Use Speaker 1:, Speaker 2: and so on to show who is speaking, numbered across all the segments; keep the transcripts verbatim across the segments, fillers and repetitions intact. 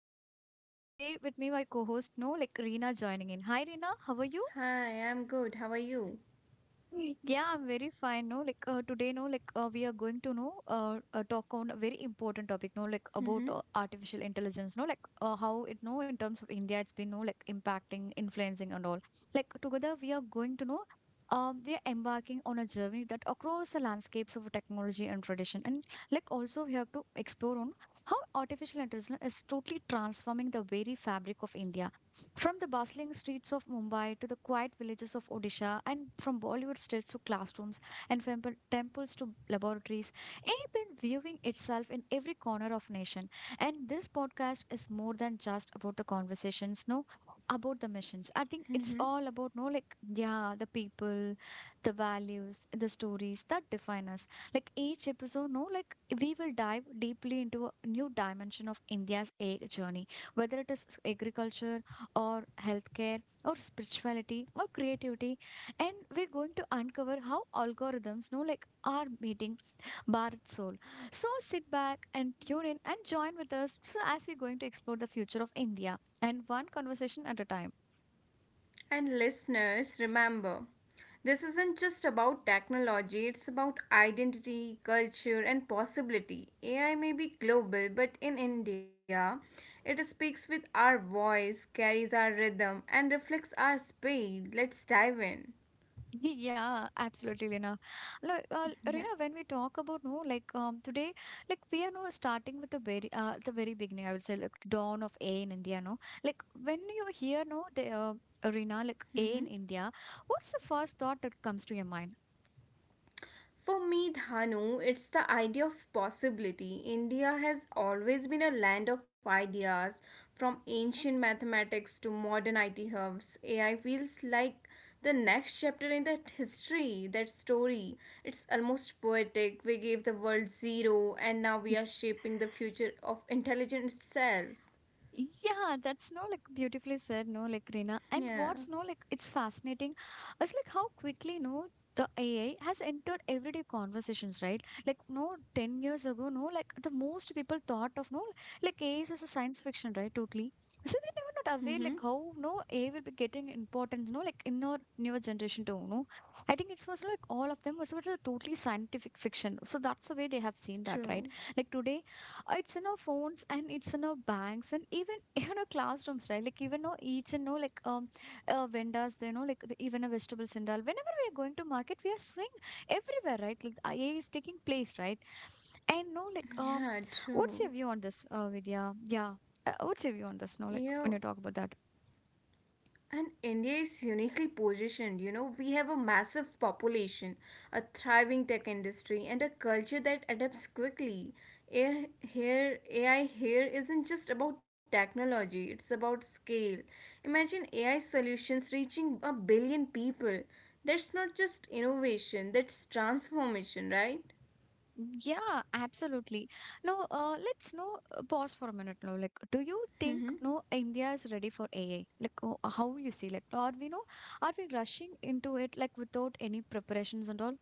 Speaker 1: host Tanu, and today with me my co-host No, like Reena joining in. Hi Reena, how are you?
Speaker 2: Hi, I'm good. How are you?
Speaker 1: Yeah, I'm very fine. No, like uh, today, no, like uh, we are going to know uh, uh, talk on a very important topic. No, like about
Speaker 2: Mm-hmm.
Speaker 1: uh, artificial intelligence. No, like uh, how it no in terms of India, it's been no like impacting, influencing, and all. Like together, we are going to know. Um, they are embarking on a journey that across the landscapes of technology and tradition, and like also we have to explore on how artificial intelligence is totally transforming the very fabric of India from the bustling streets of Mumbai to the quiet villages of Odisha, and from Bollywood stage to classrooms and femple- temples to laboratories, I've been viewing itself in every corner of nation. And this podcast is more than just about the conversations, no, about the missions. I think it's
Speaker 2: Mm-hmm.
Speaker 1: all about no, like yeah, the people, the values, the stories that define us. Like each episode, no, like we will dive deeply into a new dimension of India's ag journey whether it is agriculture or healthcare or spirituality or creativity and we're going to uncover how algorithms know like are meeting Bharat's soul so sit back and tune in and join with us so as we're going to explore the future of India and one conversation at a time.
Speaker 2: And listeners, remember, this isn't just about technology, it's about identity, culture, and possibility. A I may be global, but in India, it speaks with our voice, carries our rhythm, and reflects our speed. Let's dive in.
Speaker 1: Yeah, absolutely, Lina. Like, uh, Rina,
Speaker 2: Yeah.
Speaker 1: when we talk about no, like um, today, like we are no starting with the very uh, the very beginning. I would say like dawn of A in India. No, like when you hear no the uh, Rina like A in India, what's the first thought that comes to your mind?
Speaker 2: For me, Dhanu, it's the idea of possibility. India has always been a land of ideas, from ancient mathematics to modern I T hubs. A I feels like the next chapter in that history, that story. It's almost poetic. We gave the world zero, and now we are shaping the future of intelligence itself.
Speaker 1: Yeah, that's no like beautifully said, no like Rina. And
Speaker 2: Yeah.
Speaker 1: what's no like it's fascinating. It's like how quickly no the A I has entered everyday conversations, right? Like no, ten years ago, no like the most people thought of no like A I is as a science fiction, right? Totally. So they never not
Speaker 2: Mm-hmm.
Speaker 1: aware like how no A I will be getting importance, no like in our newer generation too, no. I think it was like all of them was was a totally scientific fiction. So that's the way they have seen that, right?
Speaker 2: True.
Speaker 1: Like today uh, it's in our phones and it's in our banks and even even our classrooms right like even our each and know like um uh, vendors they know like the, even a vegetable vendor whenever we are going to market we are seeing everywhere right like A I is taking place right and no like um
Speaker 2: Yeah,
Speaker 1: what's your
Speaker 2: true.
Speaker 1: view on this uh Vidya yeah uh, what's your view on this no
Speaker 2: Yeah.
Speaker 1: like when you talk about that.
Speaker 2: And India is uniquely positioned. You know, we have a massive population, a thriving tech industry, and a culture that adapts quickly. Air here, A I here isn't just about technology, it's about scale. Imagine A I solutions reaching a billion people. That's not just innovation, that's transformation, right?
Speaker 1: Yeah, absolutely. Now, uh, let's know, uh, pause for a minute now. Like, do you think no India is ready for A I? Like, ho- how you see, like, are we no, are we rushing into it like without any preparations and all?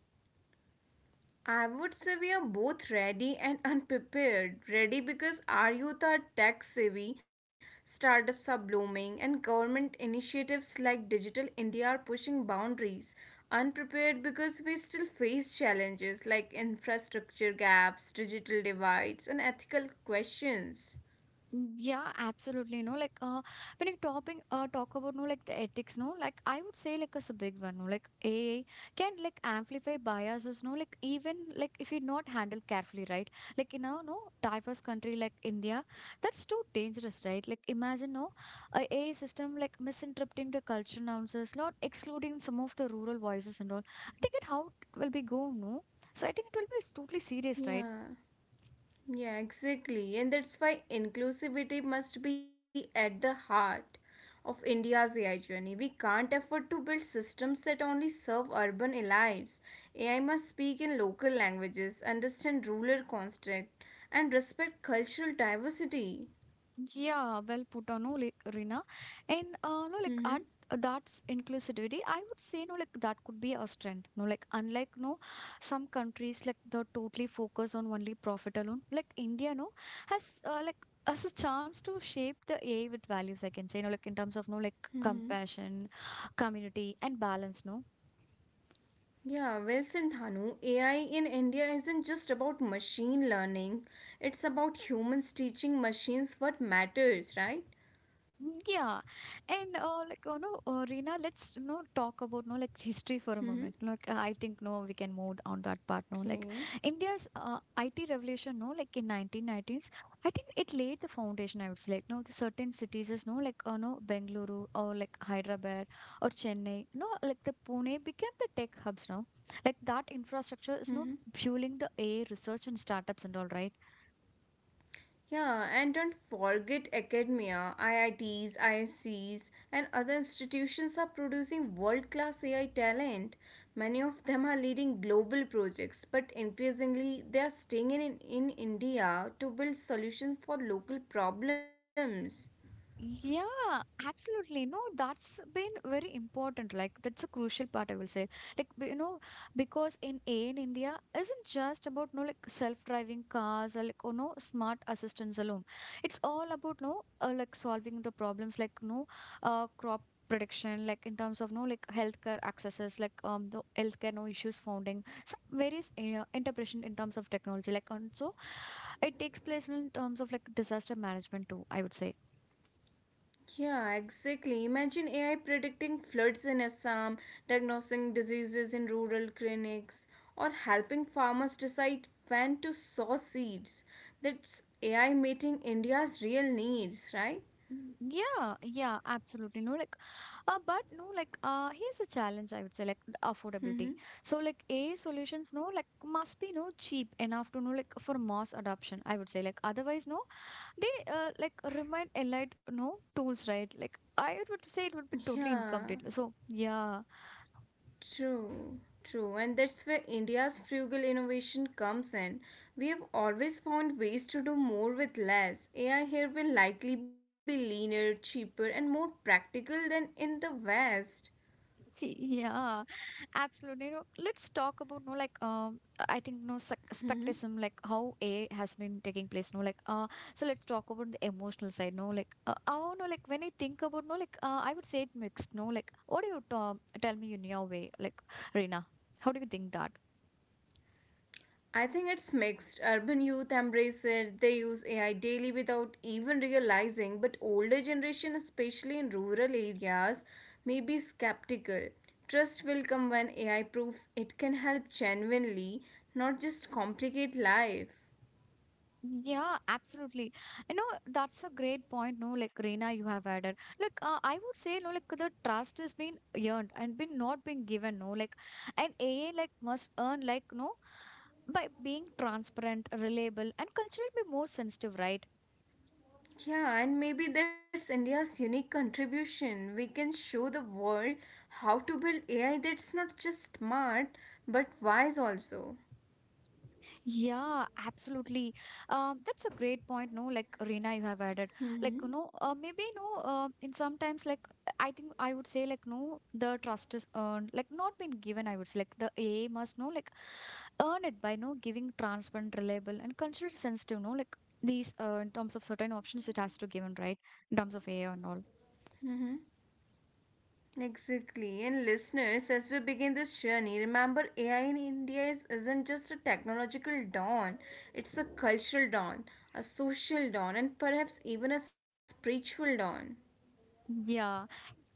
Speaker 2: I would say we are both ready and unprepared. Ready because our youth are tech savvy, startups are blooming, and government initiatives like Digital India are pushing boundaries. Unprepared because we still face challenges like infrastructure gaps, digital divides, and ethical questions.
Speaker 1: Yeah, absolutely. No, like uh, when you talking uh, talk about no like the ethics, no, like I would say like as a big one, no, like A I can like amplify biases, no, like even like if you not handle carefully, right? Like in a no diverse country like India, that's too dangerous, right? Like imagine no a AI system like misinterpreting the culture nuances, not excluding some of the rural voices and all. I think it how it will be go, no. So I think it will be totally serious, right?
Speaker 2: Yeah. Yeah, exactly. And that's why inclusivity must be at the heart of India's A I journey. We can't afford to build systems that only serve urban elites. A I must speak in local languages, understand rural construct, and respect cultural diversity.
Speaker 1: Yeah, well put on, no, like Rina. And uh, no,
Speaker 2: Mm-hmm.
Speaker 1: like art uh, that's inclusivity. I would say no, like that could be a strength. No, like unlike no, some countries like they totally focus on only profit alone. Like India, no, has uh, like has a chance to shape the A I with values. I can say, no, like in terms of no, like
Speaker 2: Mm-hmm.
Speaker 1: compassion, community, and balance. No,
Speaker 2: Yeah, well said, Dhanu. A I in India isn't just about machine learning, it's about humans teaching machines what matters, right?
Speaker 1: mm, yeah, and uh, like you know, uh, Reena, let's you know talk about no like history for a
Speaker 2: Mm-hmm.
Speaker 1: moment. No, like I think no, we can move on that part. No, like
Speaker 2: Okay.
Speaker 1: India's uh, I T revolution. No, like in nineteen nineties, I think it laid the foundation. I would say like no, the certain cities is no like uh, no Bengaluru or like Hyderabad or Chennai. No, like the Pune became the tech hubs now. Like that infrastructure is no fueling the A I research and startups and all right.
Speaker 2: Yeah, and don't forget academia, I I Ts, I S Cs, and other institutions are producing world class A I talent. Many of them are leading global projects, but increasingly they are staying in, in India to build solutions for local problems.
Speaker 1: Yeah, absolutely. No, that's been very important. Like that's a crucial part, I will say. Like b- you know, because in A in India isn't just about no like self-driving cars or like oh no smart assistants alone. It's all about no uh, like solving the problems like no uh crop prediction like in terms of no like healthcare accesses like um the healthcare no issues founding some various uh, interpretation in terms of technology like and so it takes place in terms of like disaster management too I would say.
Speaker 2: Yeah, exactly. Imagine A I predicting floods in Assam, diagnosing diseases in rural clinics, or helping farmers decide when to sow seeds. That's A I meeting India's real needs, right?
Speaker 1: Mm, yeah, yeah, absolutely. No, like, uh, but no, like, uh, here's a challenge I would say, like, affordability.
Speaker 2: Mm-hmm.
Speaker 1: So, like, a I solutions, no, like, must be no cheap enough to know, like, for mass adoption. I would say, like, otherwise, no, they, uh, like, remain allied, no tools, right? Like, I would say it would be totally
Speaker 2: Yeah,
Speaker 1: incomplete. So, yeah,
Speaker 2: true, true. And that's where India's frugal innovation comes in. We have always found ways to do more with less. A I here will likely be leaner, cheaper, and more practical than in the West.
Speaker 1: see, yeah, absolutely. You know, let's talk about no like um I think no sec-
Speaker 2: Mhm.
Speaker 1: spectism like how A I has been taking place. No like uh so let's talk about the emotional side. No like uh, oh no like when I think about no like uh, I would say it mixed. No like what do you t- tell me in your way like Reena? How do you think that?
Speaker 2: I think it's mixed. Urban youth embrace it, they use A I daily without even realizing, but older generation, especially in rural areas, may be skeptical. Trust will come when A I proves it can help genuinely, not just complicate life.
Speaker 1: Yeah, absolutely. You know, that's a great point, no, like Reena, you have added. Like, uh, I would say, no, like the trust has been earned and been not been given, no, like, and A A like must earn like no by being transparent, reliable, and culturally more sensitive, right?
Speaker 2: Yeah, and maybe that's India's unique contribution. We can show the world how to build A I that's not just smart, but wise also.
Speaker 1: Yeah, absolutely. Um, that's a great point, no, like Reena, you have added. Like, you
Speaker 2: Mm-hmm.
Speaker 1: know, uh, maybe no, uh, in sometimes like I think I would say like no, the trust is earned, like not been given. I would say like the A A must know like earn it by no giving transparent, reliable, and considered sensitive, no, like these uh, in terms of certain options it has to given, right? In terms of A I and all.
Speaker 2: Exactly. And listeners, as we begin this journey, remember A I in India is, isn't just a technological dawn, it's a cultural dawn, a social dawn, and perhaps even a spiritual dawn.
Speaker 1: Yeah,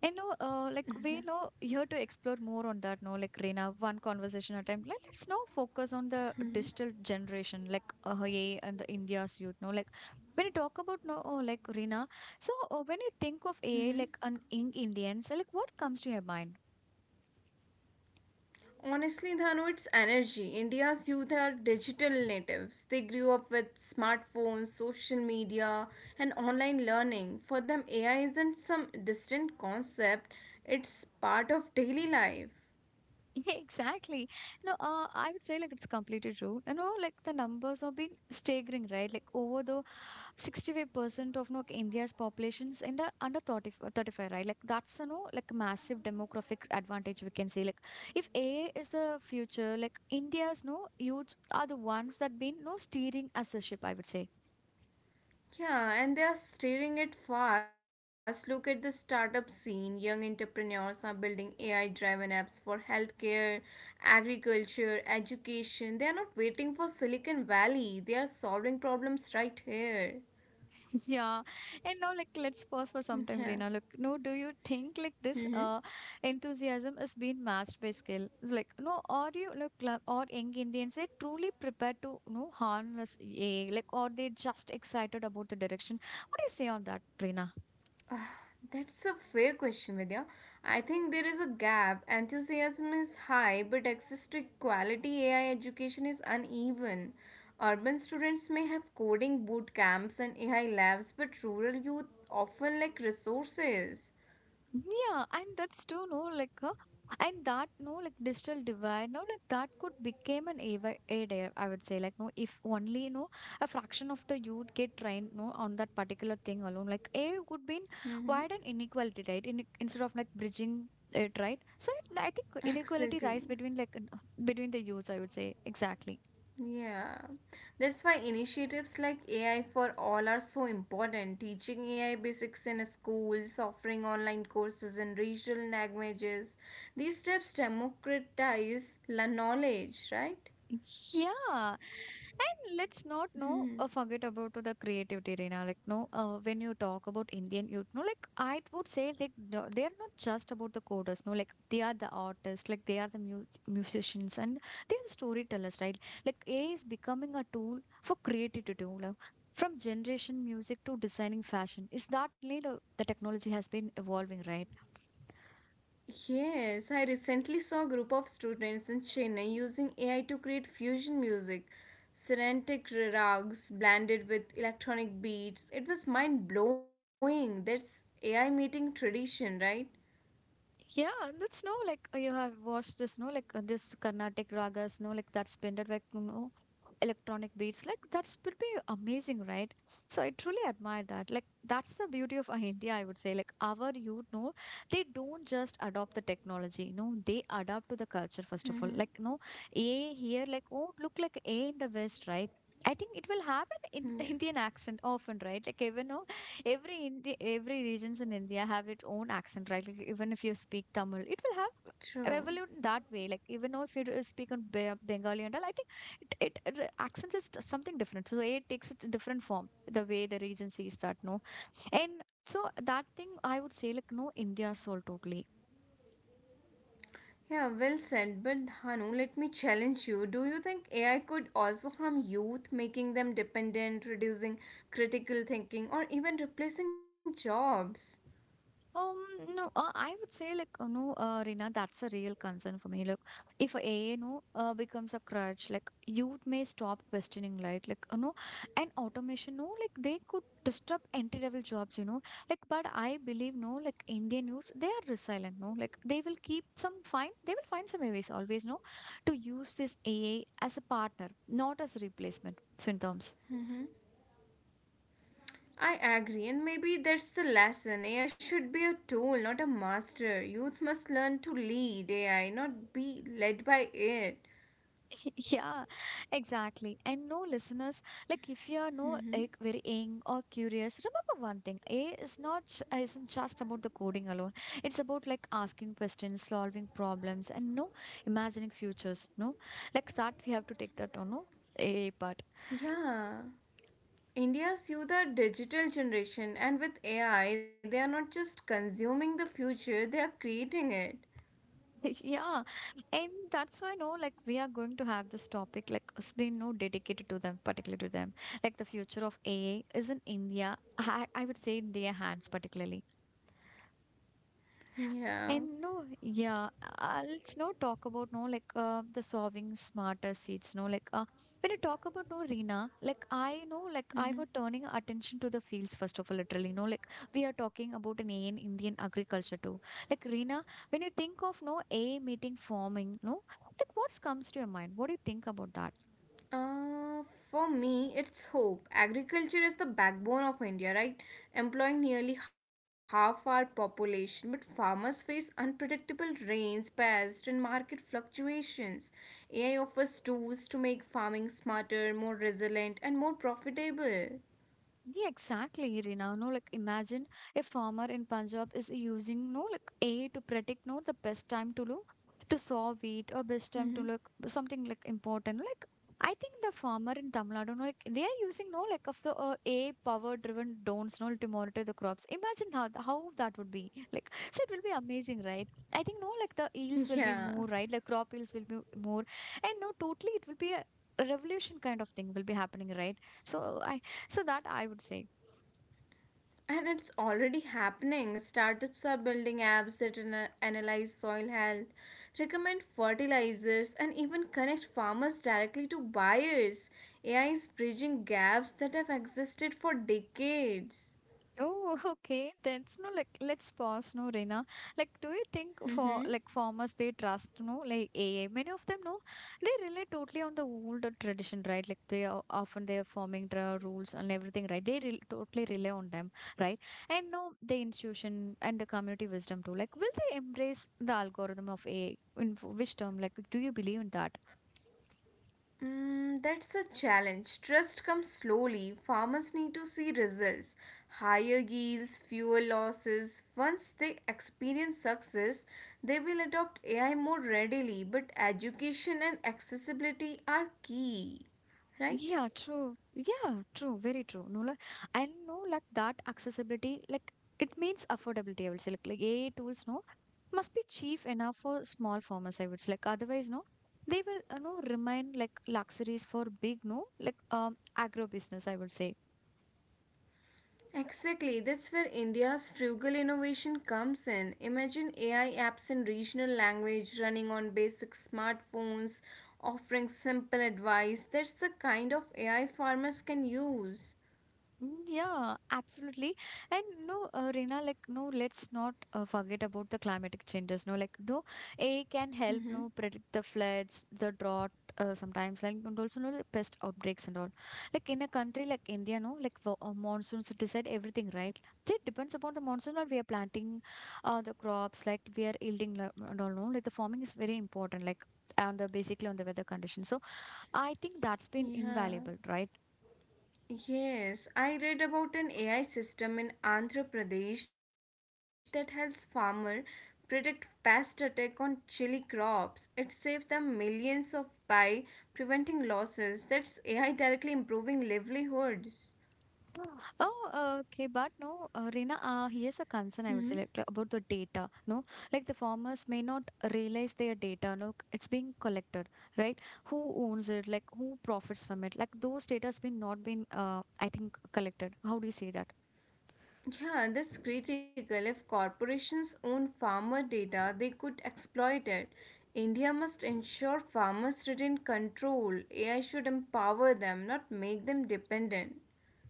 Speaker 1: I know. Uh, like
Speaker 2: Yeah.
Speaker 1: we know here to explore more on that. No, like Reena, one conversation at a time. Let us now focus on the digital generation, like uh, A I and the India's youth. No, like when you talk about no, oh, like Reena. So uh, when you think of
Speaker 2: hmm
Speaker 1: A I, like an young Indians, like what comes to your mind?
Speaker 2: Honestly, Dhanu, it's energy. India's youth are digital natives. They grew up with smartphones, social media, and online learning. For them, A I isn't some distant concept, it's part of daily life.
Speaker 1: Yeah, exactly. No, uh, I would say like it's completely true. You know, like the numbers have been staggering, right? Like over the sixty-five percent of like, India's populations in the under thirty, uh, thirty-five, right? Like that's, you know, like massive demographic advantage we can say. Like if A is the future, like India's, no, youths are the ones that been, no, steering as a ship, I would say.
Speaker 2: Yeah, and they are steering it fast. Look at the startup scene. Young entrepreneurs are building A I driven apps for healthcare, agriculture, education. They are not waiting for Silicon Valley, they are solving problems right here.
Speaker 1: Yeah. And now like let's pause for some time,
Speaker 2: Yeah.
Speaker 1: Reena. Look, no, do you think like this
Speaker 2: Mm-hmm.
Speaker 1: uh enthusiasm is being matched by skill? It's like, no, are you look like or young Indians they truly prepared to no harness A I, like or they just excited about the direction? What do you say on that, Reena?
Speaker 2: Uh, That's a fair question, Vidya. I think there is a gap. Enthusiasm is high, but access to quality A I education is uneven. Urban students may have coding boot camps and A I labs, but rural youth often lack resources.
Speaker 1: Yeah, and that's too no like uh, and that no like digital divide no like that could become an avi- aid air I would say like no if only no a fraction of the youth get trained no on that particular thing alone like a I would be
Speaker 2: Mm-hmm.
Speaker 1: wide and inequality right in, instead of like bridging it right so it, I think inequality rise
Speaker 2: Exactly.
Speaker 1: between like n- between the youths I would say exactly.
Speaker 2: Yeah, that's why initiatives like A I for All are so important. Teaching A I basics in schools, offering online courses in regional languages. These steps democratize la knowledge, right?
Speaker 1: Yeah. And let's not know
Speaker 2: Hmm.
Speaker 1: uh, forget about to the creativity, Reena. Like no, uh, when you talk about Indian youth, no, like I would say like no, they are not just about the coders, no, like they are the artists, like they are the mu- musicians, and they are the storytellers, right? Like A I is becoming a tool for creativity too. Like, from generation music to designing fashion, is that lead uh, the technology has been evolving, right?
Speaker 2: Yes, I recently saw a group of students in Chennai using A I to create fusion music, serentic rags blended with electronic beats. It was mind blowing. That's A I meeting tradition, right?
Speaker 1: Yeah, and that's no like uh, you have watched this, no like uh, this Carnatic ragas, no like that's blended like you know electronic beats, like that's would be amazing, right? So I truly admire that. Like that's the beauty of uh, India, I would say. Like our youth, no, they don't just adopt the technology, no, they adapt to the culture first of all. Like no, A I here, like oh look like A I in the West, right? I think it will have an in
Speaker 2: Yeah,
Speaker 1: Indian accent often, right? Like even no, every Indi- every regions in India have its own accent, right? Like even if you speak Tamil, it will have
Speaker 2: true.
Speaker 1: evolved in that way. Like even though if you do- speak on Be- Bengali and all, I think it, it it- the accents is t- something different. So it takes it a different form. The way the region sees that, no, and so that thing I would say like no India soul totally.
Speaker 2: Yeah, well said. But Hanu, let me challenge you. Do you think A I could also harm youth, making them dependent, reducing critical thinking, or even replacing jobs?
Speaker 1: Um, no, uh, I would say like uh, no, uh, Rina, that's a real concern for me. Look, if A I no uh, becomes a crutch, like youth may stop questioning, right? Like uh, no, and automation, no, like they could disrupt entry-level jobs, you know. Like, but I believe no, like Indian youths, they are resilient, no. Like they will keep some find, they will find some ways always, no, to use this A I as a partner, not as a replacement. Syntoms.
Speaker 2: Mm-hmm. I agree, and maybe that's the lesson. A I should be a tool, not a master. Youth must learn to lead A I, not be led by it.
Speaker 1: Yeah, exactly. And no listeners, like if you are no
Speaker 2: Mm-hmm.
Speaker 1: like very young or curious, remember one thing: A is not j- uh, isn't just about the coding alone. It's about like asking questions, solving problems, and no imagining futures. No, like that we have to take that on no A part.
Speaker 2: Yeah. India's youth the digital generation and with A I they are not just consuming the future, they are creating it.
Speaker 1: Yeah, and that's why no, like we are going to have this topic like it's been no dedicated to them, particularly to them. Like the future of A A is in India. I, I would say in their hands particularly.
Speaker 2: Yeah.
Speaker 1: And no, yeah, uh, let's now talk about no like uh, the solving smarter seats. No, like uh, when I talk about no Rina, like I know, like I were
Speaker 2: hmm
Speaker 1: turning attention to the fields first of all, literally. No, like we are talking about an A I in Indian agriculture too. Like Rina, when you think of no A I meeting farming, no, like what comes to your mind? What do you think about that?
Speaker 2: Uh, for me, it's hope. Agriculture is the backbone of India, right? Employing nearly half our population, but farmers face unpredictable rains, pests, and market fluctuations. A I offers tools to make farming smarter, more resilient, and more profitable.
Speaker 1: Yeah, exactly, Irina. No, like imagine a farmer in Punjab is using no like A to predict no the best time to look to sow wheat or best
Speaker 2: hmm
Speaker 1: time to look something like important. Like I think the farmer in Tamil Nadu, no, like they are using no like of the uh, A I power driven drones no to monitor the crops. Imagine how th- how that would be. Like so, it will be amazing, right? I think no like the yields will be
Speaker 2: Yeah.
Speaker 1: more right, like crop yields will be more, and no totally it will be a revolution kind of thing will be happening, right? So I so that I would say.
Speaker 2: And it's already happening. Startups are building apps that ana- analyze soil health, recommend fertilizers, and even connect farmers directly to buyers. A I is bridging gaps that have existed for decades.
Speaker 1: Oh, okay. Then, it's no, like, let's pause, no, Reena. Like, do you think
Speaker 2: Mm-hmm.
Speaker 1: for like farmers they trust, no, like A I? Many of them, no, they rely totally on the old tradition, right? Like, they are often they are forming the rules and everything, right? They re totally rely on them, right? And no, the institution and the community wisdom too. Like, will they embrace the algorithm of A I? In f- which term? Like, do you believe in that?
Speaker 2: Mm, that's a challenge. Trust comes slowly. Farmers need to see results. Higher yields, fewer losses. Once they experience success, they will adopt A I more readily, but education and accessibility are key. Right?
Speaker 1: Yeah, true. Yeah, true. Very true. No, like, and no, like that accessibility, like it means affordability. I would say, like, like A I tools, no, must be cheap enough for small farmers. I would say, like, otherwise, no, they will, you know, remain like luxuries for big, no, like um agro business. I would say.
Speaker 2: Exactly, that's where India's frugal innovation comes in. Imagine A I apps in regional language running on basic smartphones, offering simple advice. That's the kind of A I farmers can use.
Speaker 1: Mm, yeah, absolutely. And no, uh, Reena, like, no, let's not uh, forget about the climatic changes. No, like, no, A I can help, no,
Speaker 2: Mhm.
Speaker 1: predict the floods, the drought, uh, sometimes, like, and also, no, the pest outbreaks and all. Like, in a country like India, no, like, wo- uh, monsoons decide everything, right? So it depends upon the monsoon that we are planting, uh, the crops, like, we are yielding la- and all, no, like, the farming is very important, like, on the basically on the weather conditions. So I think that's been
Speaker 2: Yeah.
Speaker 1: invaluable, right?
Speaker 2: Yes, I read about an A I system in Andhra Pradesh that helps farmer predict pest attack on chili crops. It saves them millions of by preventing losses. That's A I directly improving livelihoods.
Speaker 1: Oh, uh, okay, but no, uh, Reena, uh, here's a concern I would say like, like, about the data. No, like the farmers may not realize their data. No, it's being collected, right? Who owns it? Like who profits from it? Like those data has been not been, uh, I think, collected. How do you see that?
Speaker 2: Yeah, that's critical. If corporations own farmer data, they could exploit it. India must ensure farmers retain control. A I should empower them, not make them dependent.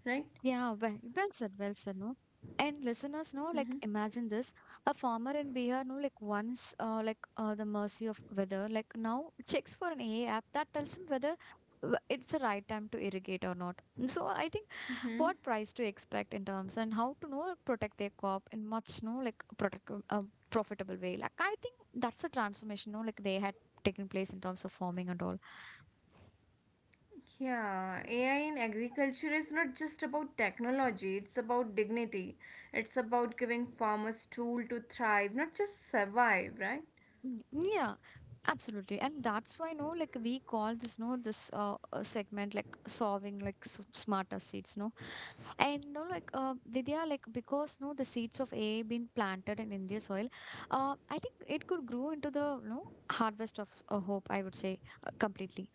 Speaker 2: Right?
Speaker 1: Yeah, well, well said, well said, no? And listeners, no, like imagine this. A farmer in Bihar, no, like once, uh, like uh, the mercy of weather, like now checks for an A I app that tells him whether w- it's the right time to irrigate or not. So I think what price to expect in terms and how to know like, protect their crop in much, no, like protect uh, profitable way. Like I think that's the transformation, no, like they had taken place in terms of farming and all.
Speaker 2: Yeah, A I in agriculture is not just about technology, it's about dignity. It's about giving farmers tool to thrive, not just survive, right?
Speaker 1: Mm, yeah, absolutely. And that's why, no, like we call this, no, this uh, uh, segment like solving like s- smarter seeds, no. And no, like uh, Vidya, like because no, the seeds of A I been planted in India soil, uh, I think it could grow into the no harvest of s- uh, hope. I would say uh, completely.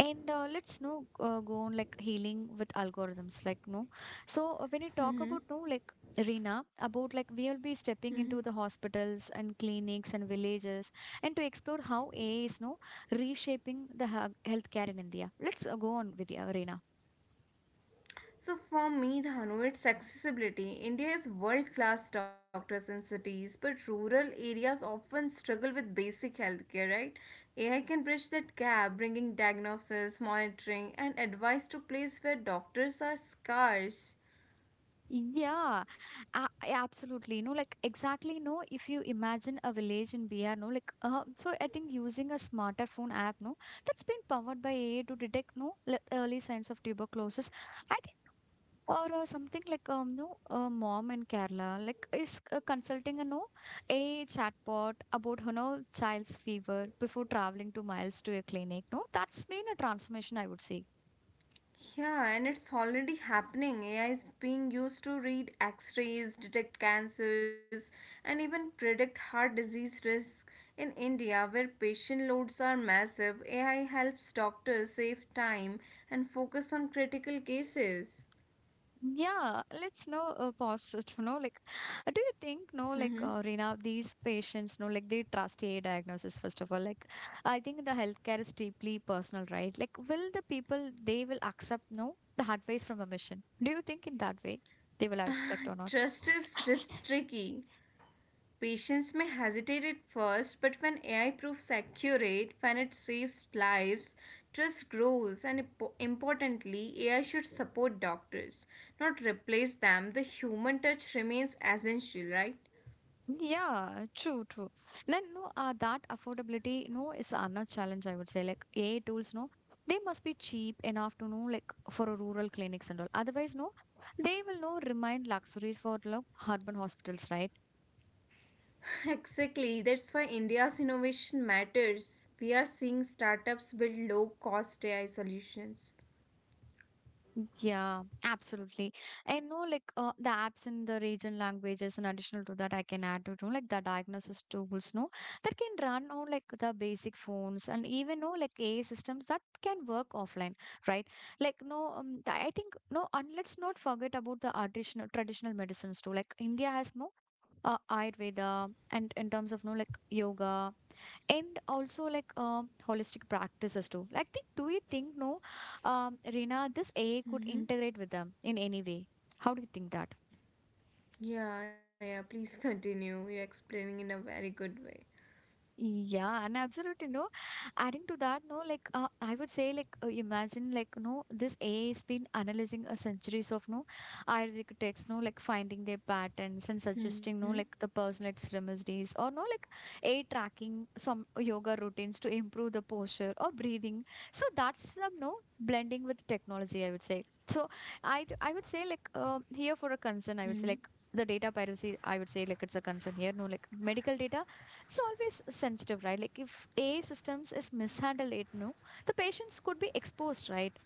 Speaker 1: And uh, let's no uh, go on like healing with algorithms, like no. So uh, when you talk about
Speaker 2: Mm-hmm.
Speaker 1: no, like Reena, about like we'll be
Speaker 2: Mm-hmm.
Speaker 1: stepping into the hospitals and clinics and villages, and to explore how A I is no reshaping the ha- healthcare in India. Let's uh, go on with you, Reena.
Speaker 2: So for me, Dhanu, it's accessibility. India has world-class doctors in cities, but rural areas often struggle with basic healthcare, right? A I can bridge that gap, bringing diagnosis, monitoring, and advice to place where doctors are scarce.
Speaker 1: Yeah, uh, absolutely. No, like exactly. No, if you imagine a village in B R, no, like uh, so I think using a smartphone app, no, that's been powered by A I to detect no le- early signs of tuberculosis. I think. Or uh, something like um no a mom in Kerala like is uh, consulting a no a chatbot about her no child's fever before traveling two miles to a clinic no that's been a transformation I would say.
Speaker 2: Yeah, and it's already happening. A I is being used to read x rays, detect cancers, and even predict heart disease risk. In India, where patient loads are massive, A I helps doctors save time and focus on critical cases.
Speaker 1: Yeah, let's know uh, pause it, you know, like, uh, do you think, no, like, uh, Reena, these patients, no, like, they trust a I diagnosis, first of all, like, I think the healthcare is deeply personal, right? Like, will the people, they will accept, no, the advice from a mission? Do you think in that way they will
Speaker 2: Mm-hmm.
Speaker 1: respect or not?
Speaker 2: Trust is risk tricky. Patients may hesitate at first, but when A I proves accurate, when it saves lives, trust grows, and importantly, A I should support doctors, not replace them. The human touch remains essential, right?
Speaker 1: Yeah, true, true. Then no, uh, that affordability no is another challenge I would say. Like A I tools, no, they must be cheap enough to know like for a rural clinics and all. Otherwise, no, they will no remain luxuries for like urban hospitals, right?
Speaker 2: Exactly, that's why India's innovation matters. We are seeing startups build low cost A I solutions.
Speaker 1: Yeah, absolutely. I know like uh, the apps in the region languages and additional to that I can add to, you know, like the diagnosis tools, no, that can run on like the basic phones and even no like A I systems that can work offline, right? Like no, um, th- I think no, and let's not forget about the additional traditional medicines too. Like India has no uh, Ayurveda and in terms of no like yoga and also like um, holistic practices too like think, do you think no um, Rina this A I could
Speaker 2: Mm-hmm.
Speaker 1: integrate with them in any way how do you think that.
Speaker 2: Yeah, yeah, please continue. You're explaining in a very good way.
Speaker 1: Yeah, and absolutely no. Adding to that, no, like uh, I would say, like uh, imagine, like no, this A I has been analyzing a centuries of no Arabic text, no, like finding their patterns and
Speaker 2: Mm-hmm.
Speaker 1: suggesting, no, like the personalized remedies or no, like a tracking some yoga routines to improve the posture or breathing. So that's some no blending with technology, I would say. So I I would say like um here for a concern, I would say
Speaker 2: Mm-hmm.
Speaker 1: like. The data piracy, I would say, like it's a concern here. No, like medical data it's always sensitive right like if ai systems is mishandled it no the patients could be exposed right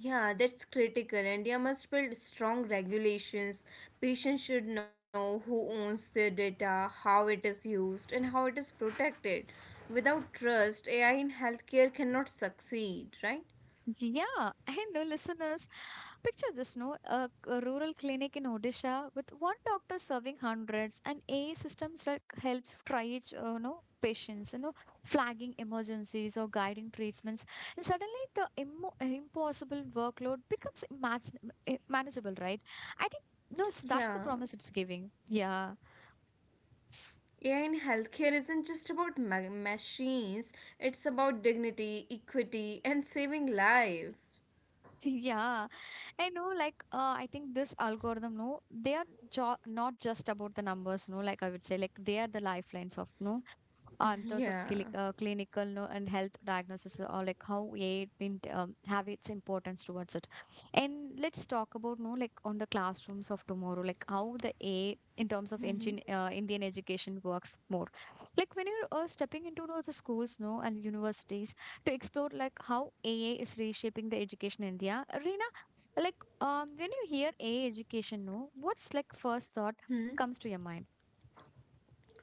Speaker 2: Yeah, that's critical. India must build strong regulations. Patients should know who owns their data, how it is used, and how it is protected. Without trust, A I in healthcare cannot succeed, right?
Speaker 1: yeah I know listeners picture this no a, a rural clinic in Odisha with one doctor serving hundreds and AI systems like helps triage uh, no patients you know flagging emergencies or guiding treatments and suddenly the immo- impossible workload becomes imagine- manageable right I think no, that's the
Speaker 2: Yeah.
Speaker 1: promise it's giving. Yeah.
Speaker 2: A I in healthcare isn't just about ma- machines, it's about dignity, equity, and saving life.
Speaker 1: Yeah. I know, like, uh, I think this algorithm, no, they are jo- not just about the numbers, no, like I would say, like, they are the lifelines of, no, uh, in terms
Speaker 2: Yeah.
Speaker 1: of cli- uh, clinical no, and health diagnosis or like how A I been um, have its importance towards it. And let's talk about no like on the classrooms of tomorrow, like how the A in terms of engine uh, Indian education works more. Like when you're uh, stepping into no, the schools no and universities to explore like how A I is reshaping the education in India, Rina, like, um, when you hear a education, no, what's like first thought
Speaker 2: hmm
Speaker 1: comes to your mind?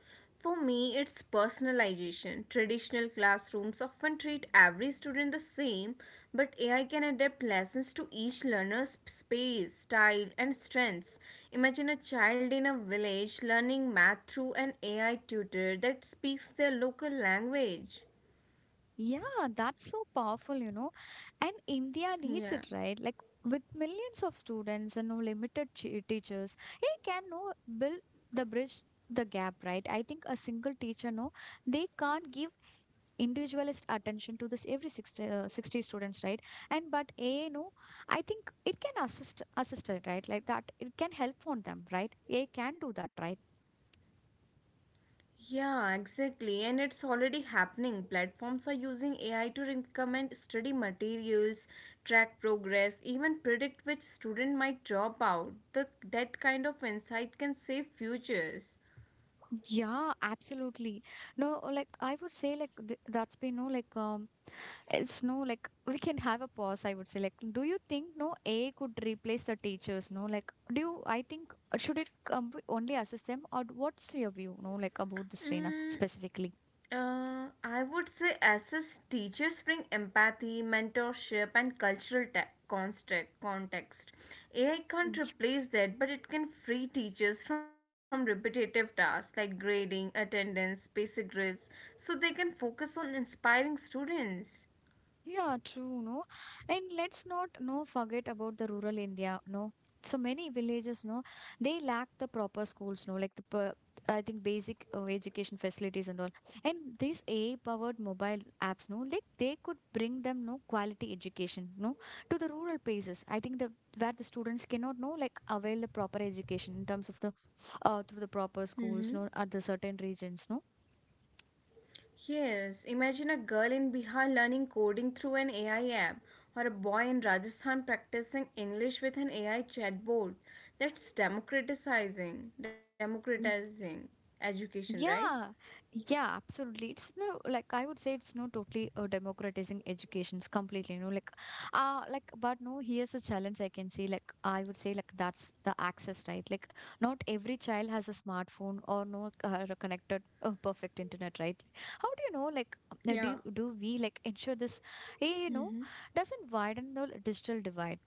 Speaker 2: For me, it's personalization. Traditional classrooms often treat every student the same, but A I can adapt lessons to each learner's space, style, and strengths. Imagine a child in a village learning math through an A I tutor that speaks their local language.
Speaker 1: Yeah, that's so powerful, you know. And India needs
Speaker 2: Yeah.
Speaker 1: it, right? Like, with millions of students and no limited ch- teachers, A I can no build the bridge, the gap, right? I think a single teacher, no, they can't give individualist attention to this every sixty, uh, sixty students, right? And but a no, I think it can assist assist it, right? Like that, it can help on them, right? A can do that, right?
Speaker 2: Yeah, exactly. And it's already happening. Platforms are using A I to recommend study materials, track progress, even predict which student might drop out. The, that kind of insight can save futures.
Speaker 1: Yeah, absolutely. No, like I would say, like th that's been no, like um, it's no, like we can have a pause. I would say, like, do you think no A I could replace the teachers? No, like, do you? I think uh, should it um, only assist them, or what's your view? No, like about this, Reena,
Speaker 2: Mm,
Speaker 1: specifically.
Speaker 2: Uh, I would say assess teachers bring empathy, mentorship, and cultural te- construct context. A I can't replace that, but it can free teachers from repetitive tasks like grading, attendance, basic drills, so they can focus on inspiring students.
Speaker 1: Yeah, true, no. And let's not no forget about the rural India, no. So many villages, no, they lack the proper schools, no, like the per, I think basic uh, education facilities and all. And these A I-powered mobile apps, no, like they could bring them no quality education, no, to the rural places. I think the where the students cannot no like avail the proper education in terms of the uh, through the proper schools,
Speaker 2: Mm-hmm.
Speaker 1: no, at the certain regions, no.
Speaker 2: Yes, imagine a girl in Bihar learning coding through an A I app, or a boy in Rajasthan practicing English with an A I chatbot. That's democratizing, democratizing education, right?
Speaker 1: Yeah, yeah, absolutely. It's no like I would say it's no totally uh, democratizing educations completely. You know, like uh like but no, here's a challenge I can see. Like I would say like that's the access, right? Like not every child has a smartphone or no uh, a connected uh, perfect internet, right? How do you know? Like uh, do
Speaker 2: Yeah.
Speaker 1: do we like ensure this? eh, You know,
Speaker 2: Mm-hmm.
Speaker 1: doesn't widen the digital divide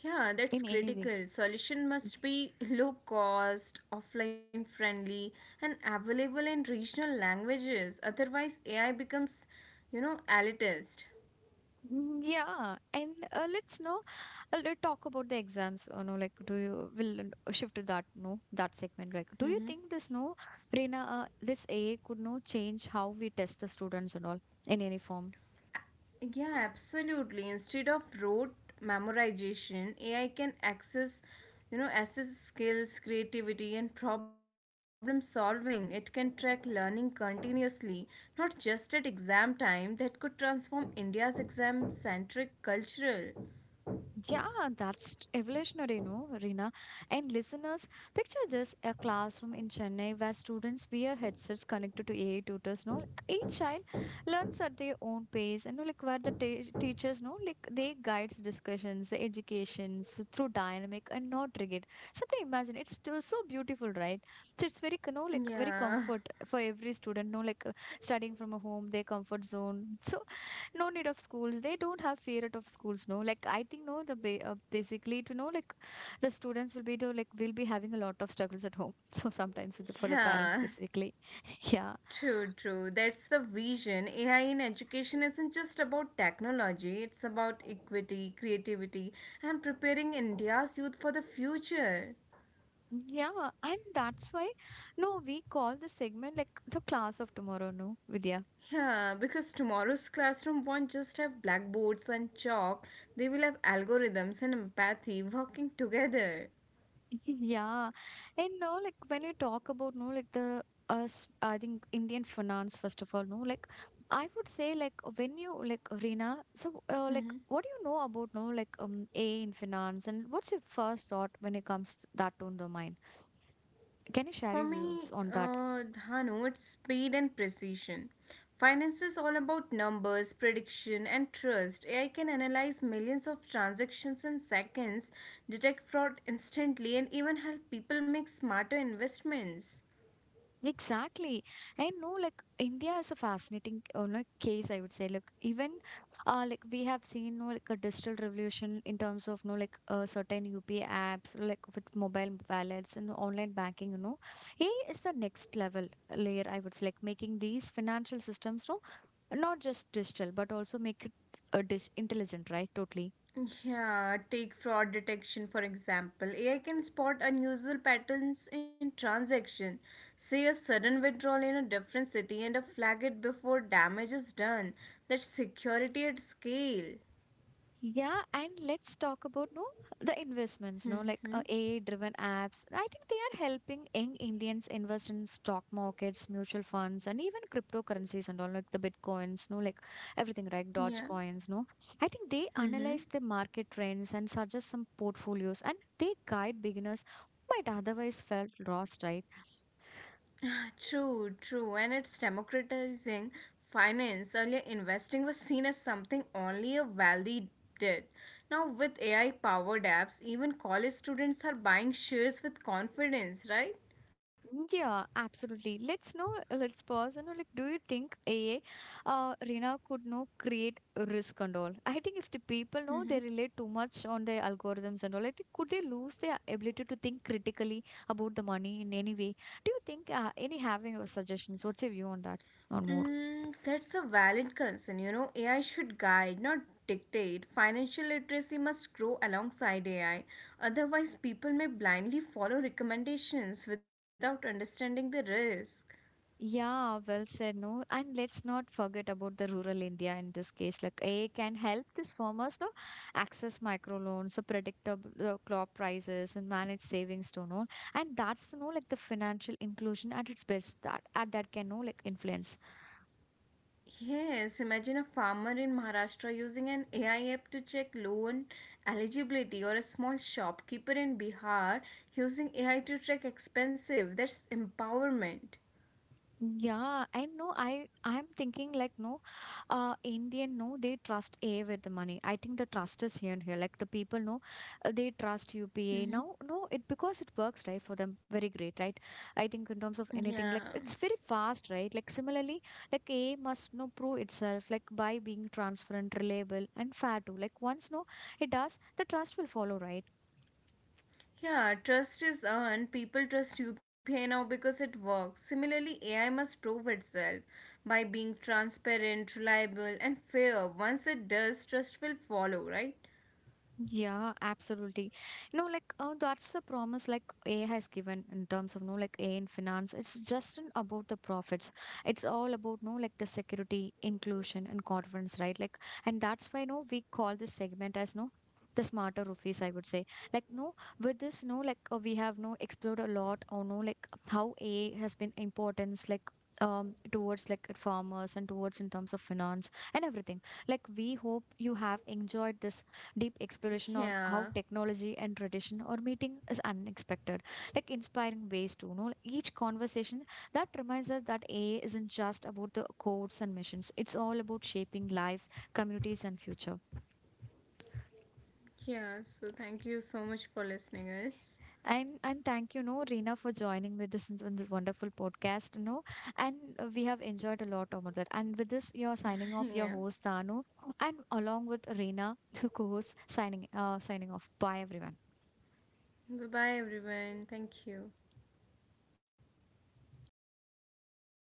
Speaker 2: Yeah, that's
Speaker 1: in any way.
Speaker 2: critical. Solution must be low cost, offline friendly, and available in regional languages. Otherwise, A I becomes, you know, elitist.
Speaker 1: Mm, yeah, and uh, let's know. Uh, let's talk about the exams. You know, like, do you will uh, shift to that? No, that segment. Like, do you think this no, Reena, uh, this A I could no change how we test the students and all in any form?
Speaker 2: Yeah, absolutely. Instead of rote memorization, A I can access, you know, assess skills, creativity, and problem solving. It can track learning continuously, not just at exam time. That could transform India's exam-centric cultural.
Speaker 1: Yeah, that's evolutionary, no, Rina. And listeners, picture this a classroom in Chennai where students wear headsets connected to A I tutors, no. Like, each child learns at their own pace, and no, like where the te- teachers, no, like they guides discussions, the educations through dynamic and not rigid. Simply imagine it's still so beautiful, right? So it's very, you know, like very
Speaker 2: Yeah,
Speaker 1: comfort for every student, no, like uh, studying from a home, their comfort zone. So no need of schools, they don't have fear out of schools, no, like I think no the ba- uh, basically to know like the students will be to like will be having a lot of struggles at home so sometimes with the- for the parents
Speaker 2: yeah.
Speaker 1: specifically yeah
Speaker 2: True, true. That's the vision. A I in education isn't just about technology, it's about equity, creativity, and preparing India's youth for the future.
Speaker 1: yeah and that's why no we call the segment like the class of tomorrow no Vidya.
Speaker 2: Yeah, because tomorrow's classroom won't just have blackboards and chalk, they will have algorithms and empathy working together.
Speaker 1: Yeah. And no, like when we talk about no, like the us, I think Indian finance, first of all, no, like I would say, like when you like Reena, so uh, like what do you know about no, like um, A in finance, and what's your first thought when it comes that to the mind? Can you share
Speaker 2: For
Speaker 1: your views
Speaker 2: me,
Speaker 1: on that?
Speaker 2: uh, Dhanu, it's speed and precision. Finance is all about numbers, prediction, and trust. A I can analyze millions of transactions in seconds, detect fraud instantly, and even help people make smarter investments.
Speaker 1: Exactly. And no, like India is a fascinating uh, like, case, I would say. Like even uh, like we have seen no like a digital revolution in terms of no like uh, certain U P I apps like with mobile wallets and online banking. You know, A is the next level layer. I would say like making these financial systems no not just digital but also make it uh, dis- intelligent, right? Totally.
Speaker 2: Yeah, take fraud detection for example. A I can spot unusual patterns in transaction, say a sudden withdrawal in a different city and flag it before damage is done. That's security at scale.
Speaker 1: Yeah, and let's talk about no the investments, no like uh,
Speaker 2: Mm-hmm.
Speaker 1: A I-driven apps. I think they are helping young Indians invest in stock markets, mutual funds, and even cryptocurrencies and all like the bitcoins, no like everything, right?
Speaker 2: Yeah.
Speaker 1: Dogecoins, no. I think they
Speaker 2: Mm-hmm.
Speaker 1: analyze the market trends and suggest some portfolios, and they guide beginners who might otherwise felt lost, right?
Speaker 2: True, true, and it's democratizing finance. Earlier, investing was seen as something only a wealthy did. Now, with A I powered apps, even college students are buying shares with confidence, right?
Speaker 1: Mm, yeah, absolutely. Let's know, uh, let's pause and know, like, do you think A A, uh, Rina could know create risk and all? I think if the people
Speaker 2: Mm-hmm.
Speaker 1: know they rely too much on their algorithms and all, I think could they lose their ability to think critically about the money in any way? Do you think uh, any having your suggestions? What's your view on that? On more?
Speaker 2: Mm, that's a valid concern. You know, A I should guide, not dictate. Financial literacy must grow alongside A I. Otherwise, people may blindly follow recommendations without understanding the risk.
Speaker 1: Yeah, well said, no. And let's not forget about the rural India in this case. Like A I can help these farmers no access microloans, uh, predictable uh, crop prices, and manage savings to know. And that's you know like the financial inclusion at its best that at that can know like influence.
Speaker 2: Yes, imagine a farmer in Maharashtra using an A I app to check loan eligibility or a small shopkeeper in Bihar using A I to track expensive. That's empowerment.
Speaker 1: Yeah, I know. I I'm thinking like no, uh, Indian no, they trust A with the money. I think the trust is here and here. Like the people know, uh, they trust U P A now.
Speaker 2: Mm-hmm.
Speaker 1: No, it because it works right for them. Very great, right? I think in terms of anything
Speaker 2: Yeah.
Speaker 1: like it's very fast, right? Like similarly, like A must no prove itself like by being transparent, reliable, and fair too. Like once no, it does, the trust will follow, right?
Speaker 2: Yeah, trust is earned. People trust U P I now because it works. Similarly, A I must prove itself by being transparent, reliable, and fair. Once it does, trust will follow, right?
Speaker 1: Yeah, absolutely. You know, like uh, that's the promise like A has given in terms of no like A in finance. It's just n- about the profits. It's all about no like the security, inclusion, and confidence, right? Like, and that's why no we call this segment as no the smarter roofies. I would say like no with this no like uh, we have no explored a lot or no like how A has been importance like um towards like farmers and towards in terms of finance and everything. Like we hope you have enjoyed this deep exploration on how
Speaker 2: Yeah.
Speaker 1: technology and tradition are meeting is unexpected, like inspiring ways to you know each conversation that reminds us that A I isn't just about the codes and missions. It's all about shaping lives, communities, and future.
Speaker 2: Yeah, so thank you so much for listening us.
Speaker 1: And and thank you, no, Reena, for joining with this, in this wonderful podcast. You know, and uh, we have enjoyed a lot about that. And with this, you're signing off your
Speaker 2: yeah.
Speaker 1: host Danu, and along with Reena, the co-host, signing uh, signing off. Bye, everyone.
Speaker 2: Bye bye, everyone. Thank you.